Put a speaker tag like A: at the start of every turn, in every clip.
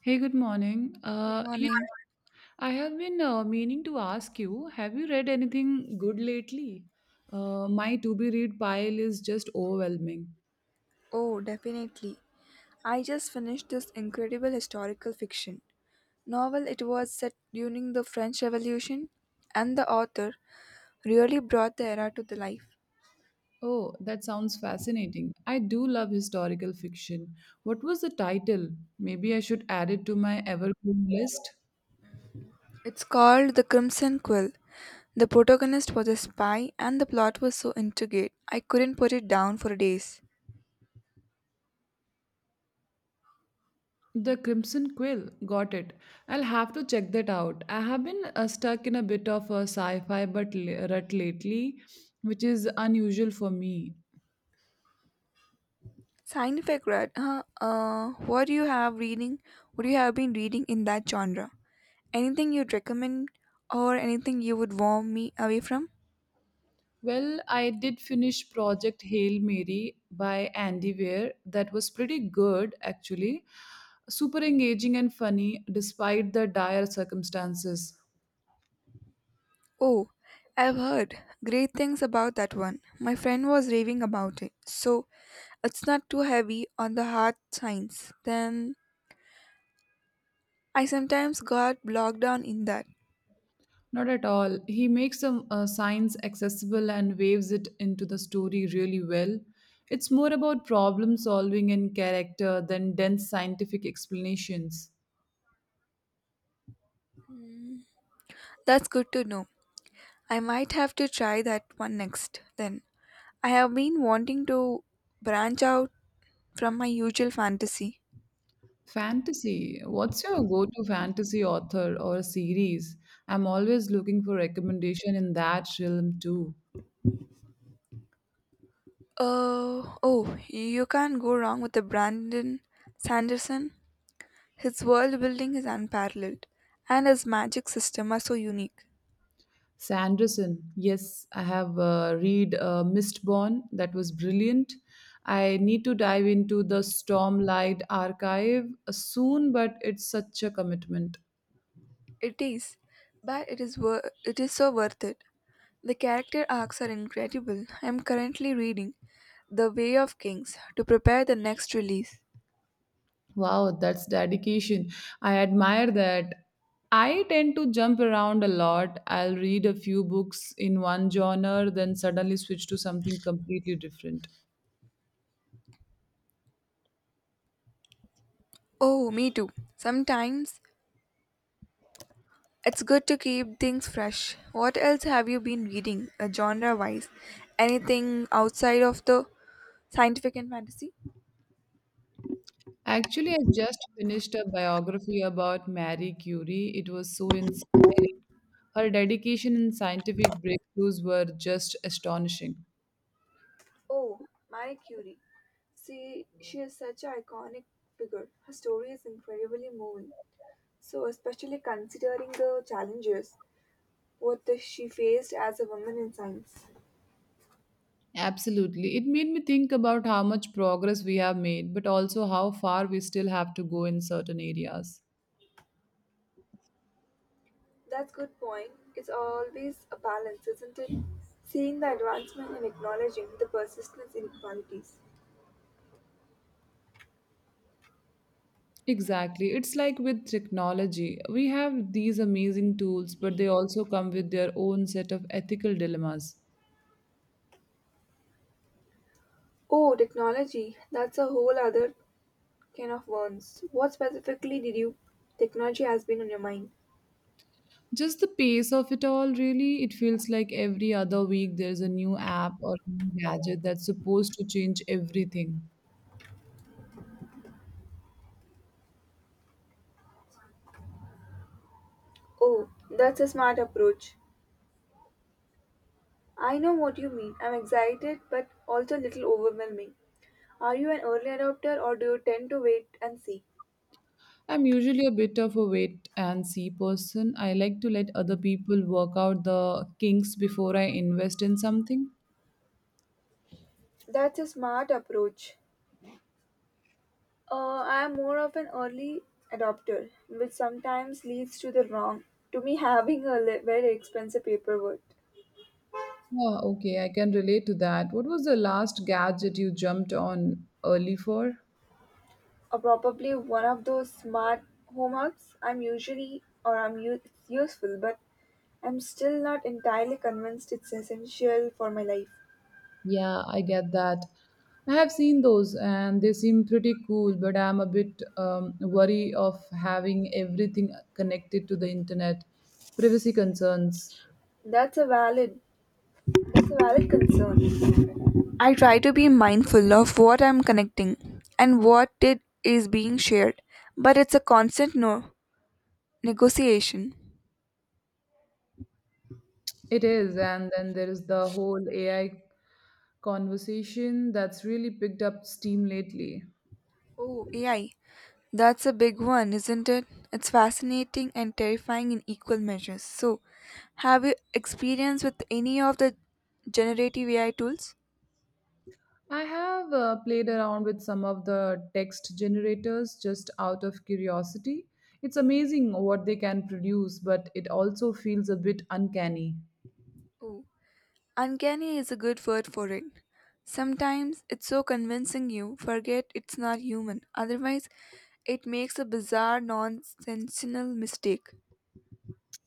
A: Hey, good morning.
B: Good morning.
A: I have been meaning to ask you, have you read anything good lately? My to be read pile is just overwhelming.
B: Oh, definitely. I just finished this incredible historical fiction novel. It was set during the French Revolution, and the author really brought the era to the life.
A: Oh, that sounds fascinating. I do love historical fiction. What was the title? Maybe I should add it to my evergreen list.
B: It's called The Crimson Quill. The protagonist was a spy, and the plot was so intricate I couldn't put it down for days.
A: The Crimson Quill. Got it. I'll have to check that out. I have been stuck in a bit of a sci fi but rut lately, which is unusual for me.
B: Scientific read, huh? What do you have reading? What do you have been reading in that genre? Anything you'd recommend or anything you would warn me away from?
A: Well, I did finish Project Hail Mary by Andy Weir. That was pretty good, actually. Super engaging and funny, despite the dire circumstances.
B: Oh, I've heard great things about that one. My friend was raving about it. So, it's not too heavy on the hard science. Then, I sometimes got bogged down in that.
A: Not at all. He makes some science accessible and waves it into the story really well. It's more about problem solving and character than dense scientific explanations.
B: That's good to know. I might have to try that one next. Then, I have been wanting to branch out from my usual fantasy.
A: Fantasy. What's your go-to fantasy author or series? I'm always looking for recommendation in that realm too.
B: Oh, you can't go wrong with the Brandon Sanderson. His world building is unparalleled, and his magic system are so unique.
A: Sanderson. Yes, I have read Mistborn. That was brilliant. I need to dive into the Stormlight archive soon, but it's such a commitment.
B: It is, but it is so worth it. The character arcs are incredible. I am currently reading The Way of Kings to prepare the next release.
A: Wow, that's dedication. I admire that. I tend to jump around a lot. I'll read a few books in one genre, then suddenly switch to something completely different.
B: Oh, me too. Sometimes it's good to keep things fresh. What else have you been reading, genre wise? Anything outside of the scientific and fantasy?
A: Actually, I just finished a biography about Marie Curie. It was so inspiring. Her dedication and scientific breakthroughs were just astonishing.
B: Oh, Marie Curie. See, she is such an iconic figure. Her story is incredibly moving. So, especially considering the challenges what she faced as a woman in science.
A: Absolutely. It made me think about how much progress we have made, but also how far we still have to go in certain areas.
B: That's good point. It's always a balance, isn't it? Seeing the advancement and acknowledging the persistence inequalities.
A: Exactly. It's like with technology. We have these amazing tools, but they also come with their own set of ethical dilemmas.
B: Oh, technology. That's a whole other can of worms. What specifically did you technology has been on your mind?
A: Just the pace of it all, really, it feels like every other week there's a new app or a new gadget that's supposed to change everything.
B: Oh, that's a smart approach. I know what you mean. I'm excited but also a little overwhelming. Are you an early adopter or do you tend to wait and see?
A: I'm usually a bit of a wait and see person. I like to let other people work out the kinks before I invest in something.
B: That's a smart approach. I am more of an early adopter, which sometimes leads to the wrong, to me having a very expensive paperwork.
A: Oh, okay, I can relate to that. What was the last gadget you jumped on early for?
B: Or probably one of those smart home apps. I'm usually or I'm u- It's useful, but I'm still not entirely convinced it's essential for my life.
A: Yeah, I get that. I have seen those and they seem pretty cool, but I'm a bit worried of having everything connected to the internet. Privacy concerns.
B: That's a valid that's a valid concern. I try to be mindful of what I'm connecting and what it is being shared, but it's a constant no negotiation.
A: It is, and then there is the whole AI conversation that's really picked up steam lately.
B: Oh, AI. That's a big one, isn't it? It's fascinating and terrifying in equal measures. So, have you experience with any of the generative AI tools?
A: I have played around with some of the text generators just out of curiosity. It's amazing what they can produce, but it also feels a bit uncanny.
B: Oh, uncanny is a good word for it. Sometimes it's so convincing you forget it's not human. Otherwise, it makes a bizarre, nonsensical mistake.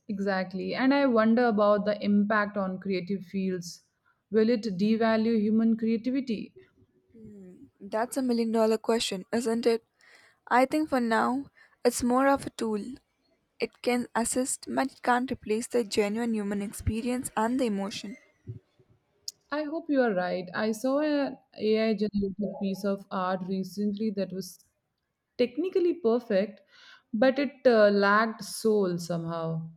A: Exactly. And I wonder about the impact on creative fields. Will it devalue human creativity?
B: That's a million dollar question, isn't it? I think for now, it's more of a tool. It can assist, but it can't replace the genuine human experience and the emotion.
A: I hope you are right. I saw an AI generated piece of art recently that was technically perfect, but it lacked soul somehow.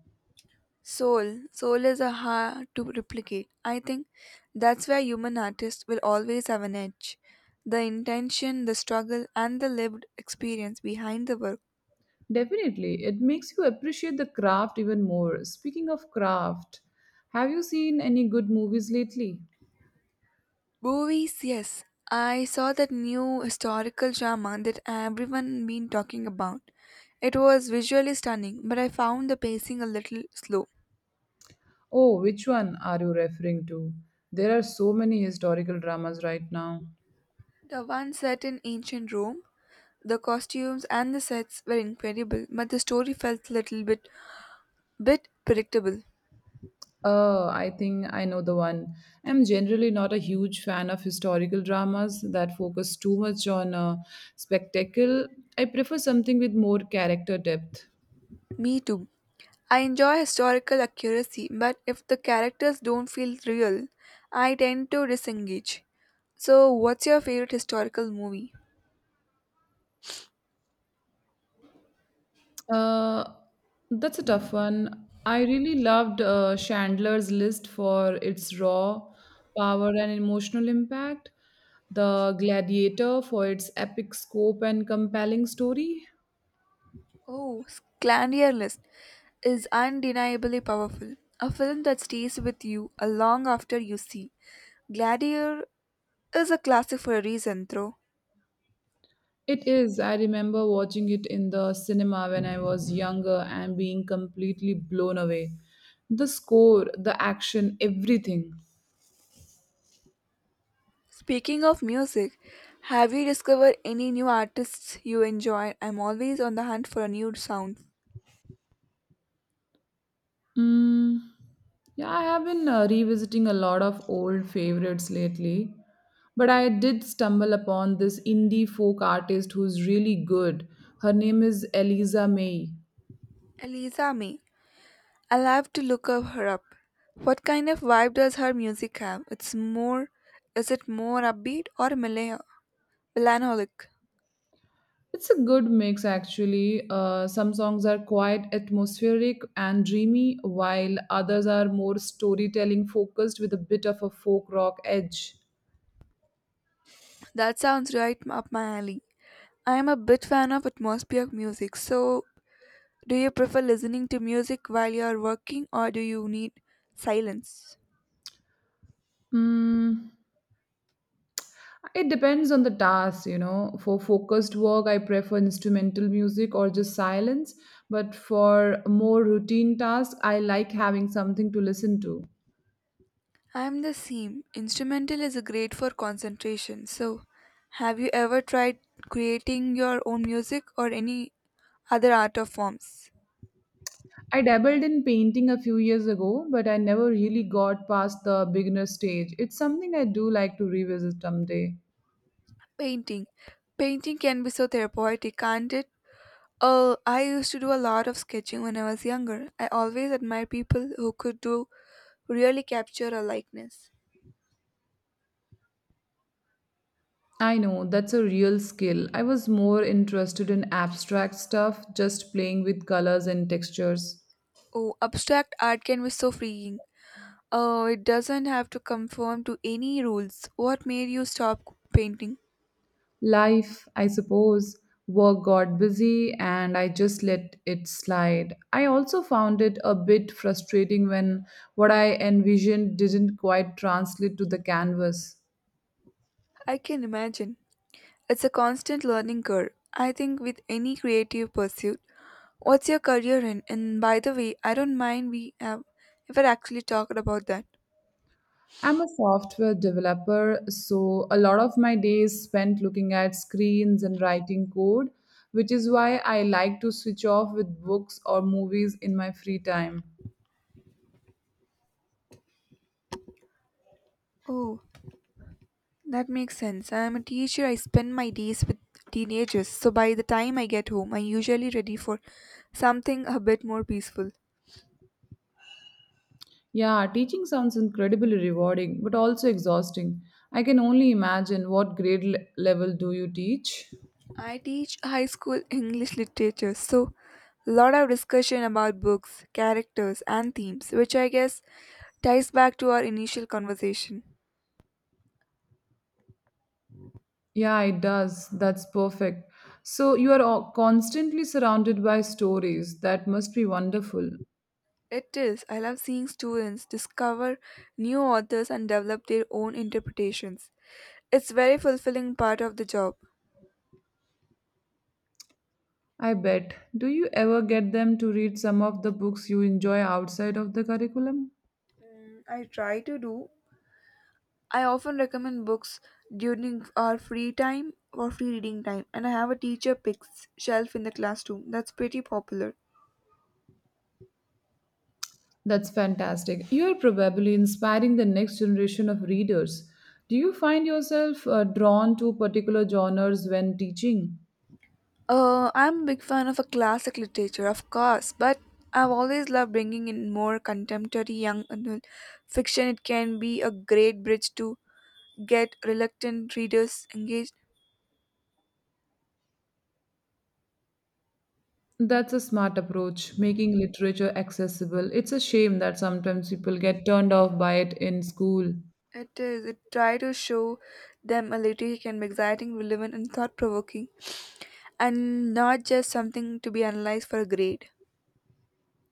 B: Soul is a hard to replicate. I think that's where human artists will always have an edge. The intention, the struggle, and the lived experience behind the work.
A: Definitely, it makes you appreciate the craft even more. Speaking of craft, have you seen any good movies lately?
B: Movies, yes. I saw that new historical drama that everyone been talking about. It was visually stunning, but I found the pacing a little slow.
A: Oh, which one are you referring to? There are so many historical dramas right now.
B: The one set in ancient Rome. The costumes and the sets were incredible, but the story felt little bit predictable.
A: I think I know the one. I'm generally not a huge fan of historical dramas that focus too much on spectacle. I prefer something with more character depth.
B: Me too. I enjoy historical accuracy, but if the characters don't feel real, I tend to disengage. So, what's your favorite historical movie?
A: Uh, that's a tough one. I really loved Chandler's List for its raw power and emotional impact, The Gladiator for its epic scope and compelling story.
B: Oh, Scandier List is undeniably powerful. A film that stays with you a long after you see. Gladiator is a classic for a reason, though.
A: It is. I remember watching it in the cinema when I was younger and being completely blown away. The score, the action, everything.
B: Speaking of music, have you discovered any new artists you enjoy? I'm always on the hunt for a new sound.
A: Mm, yeah, I have been revisiting a lot of old favorites lately. But I did stumble upon this indie folk artist who's really good. Her name is Eliza May.
B: Eliza May. I'll have to look up her up. What kind of vibe does her music have? It's more Is it more upbeat or melancholic?
A: It's a good mix, actually. Some songs are quite atmospheric and dreamy, while others are more storytelling focused with a bit of a folk rock edge.
B: That sounds right up my alley. I am a bit fan of atmospheric music, so do you prefer listening to music while you are working or do you need silence?
A: Mm, it depends on the task, you know. For focused work, I prefer instrumental music or just silence, but for more routine tasks, I like having something to listen to.
B: I'm the same. Instrumental is great for concentration. So, have you ever tried creating your own music or any other art of forms?
A: I dabbled in painting a few years ago, but I never really got past the beginner stage. It's something I do like to revisit someday.
B: Painting. Painting can be so therapeutic, can't it? Oh, I used to do a lot of sketching when I was younger. I always admire people who could do really capture a likeness.
A: I know, that's a real skill. I was more interested in abstract stuff, just playing with colors and textures.
B: Oh, abstract art can be so freeing. Oh, it doesn't have to conform to any rules. What made you stop painting?
A: Life, I suppose, work got busy and I just let it slide. I also found it a bit frustrating when what I envisioned didn't quite translate to the canvas.
B: I can imagine. It's a constant learning curve, I think, with any creative pursuit. What's your career in? And by the way, I don't mind we have ever actually talked about that.
A: I'm a software developer, so a lot of my day is spent looking at screens and writing code, which is why I like to switch off with books or movies in my free time.
B: Oh, that makes sense. I am a teacher. I spend my days with teenagers, so by the time I get home, I'm usually ready for something a bit more peaceful.
A: Yeah, teaching sounds incredibly rewarding, but also exhausting. I can only imagine what grade level do you teach?
B: I teach high school English literature, so a lot of discussion about books, characters, and themes, which I guess ties back to our initial conversation.
A: Yeah, it does. That's perfect. So you are constantly surrounded by stories. That must be wonderful.
B: It is. I love seeing students discover new authors and develop their own interpretations. It's very fulfilling part of the job.
A: I bet. Do you ever get them to read some of the books you enjoy outside of the curriculum?
B: I try to do. I often recommend books during our free time or free reading time, and I have a teacher picks shelf in the classroom. That's pretty popular.
A: That's fantastic. You are probably inspiring the next generation of readers. Do you find yourself drawn to particular genres when teaching?
B: I'm a big fan of a classic literature, of course, but I've always loved bringing in more contemporary young adult fiction. It can be a great bridge to get reluctant readers engaged.
A: That's a smart approach, making literature accessible. It's a shame that sometimes people get turned off by it in school.
B: It is. It try to show them a literature can be exciting, relevant, and thought-provoking, and not just something to be analyzed for a grade.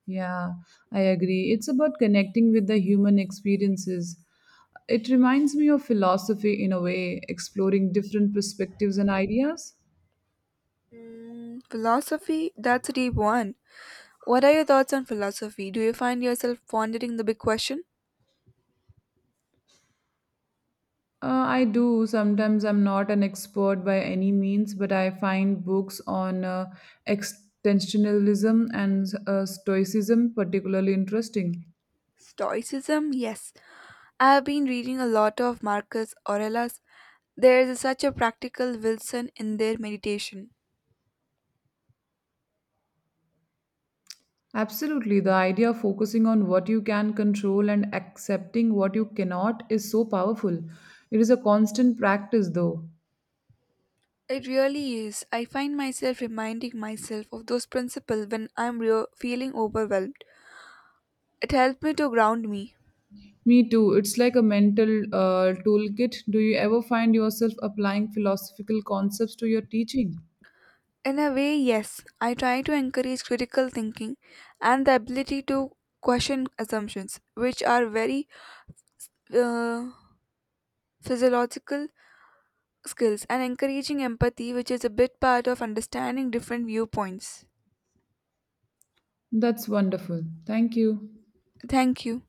A: Yeah, I agree. It's about connecting with the human experiences. It reminds me of philosophy in a way, exploring different perspectives and ideas.
B: Philosophy. That's a deep one. What are your thoughts on philosophy? Do you find yourself pondering the big question?
A: I do. Sometimes I'm not an expert by any means, but I find books on extensionalism and stoicism particularly interesting.
B: Stoicism, yes. I have been reading a lot of Marcus Aurelius. There is such a practical Wilson in their meditation.
A: Absolutely. The idea of focusing on what you can control and accepting what you cannot is so powerful. It is a constant practice, though.
B: It really is. I find myself reminding myself of those principles when I'm feeling overwhelmed. It helps me to ground me.
A: Me too. It's like a mental toolkit. Do you ever find yourself applying philosophical concepts to your teaching?
B: In a way, yes, I try to encourage critical thinking and the ability to question assumptions, which are very uh, physiological skills and encouraging empathy, which is a big part of understanding different viewpoints.
A: That's wonderful. Thank you.
B: Thank you.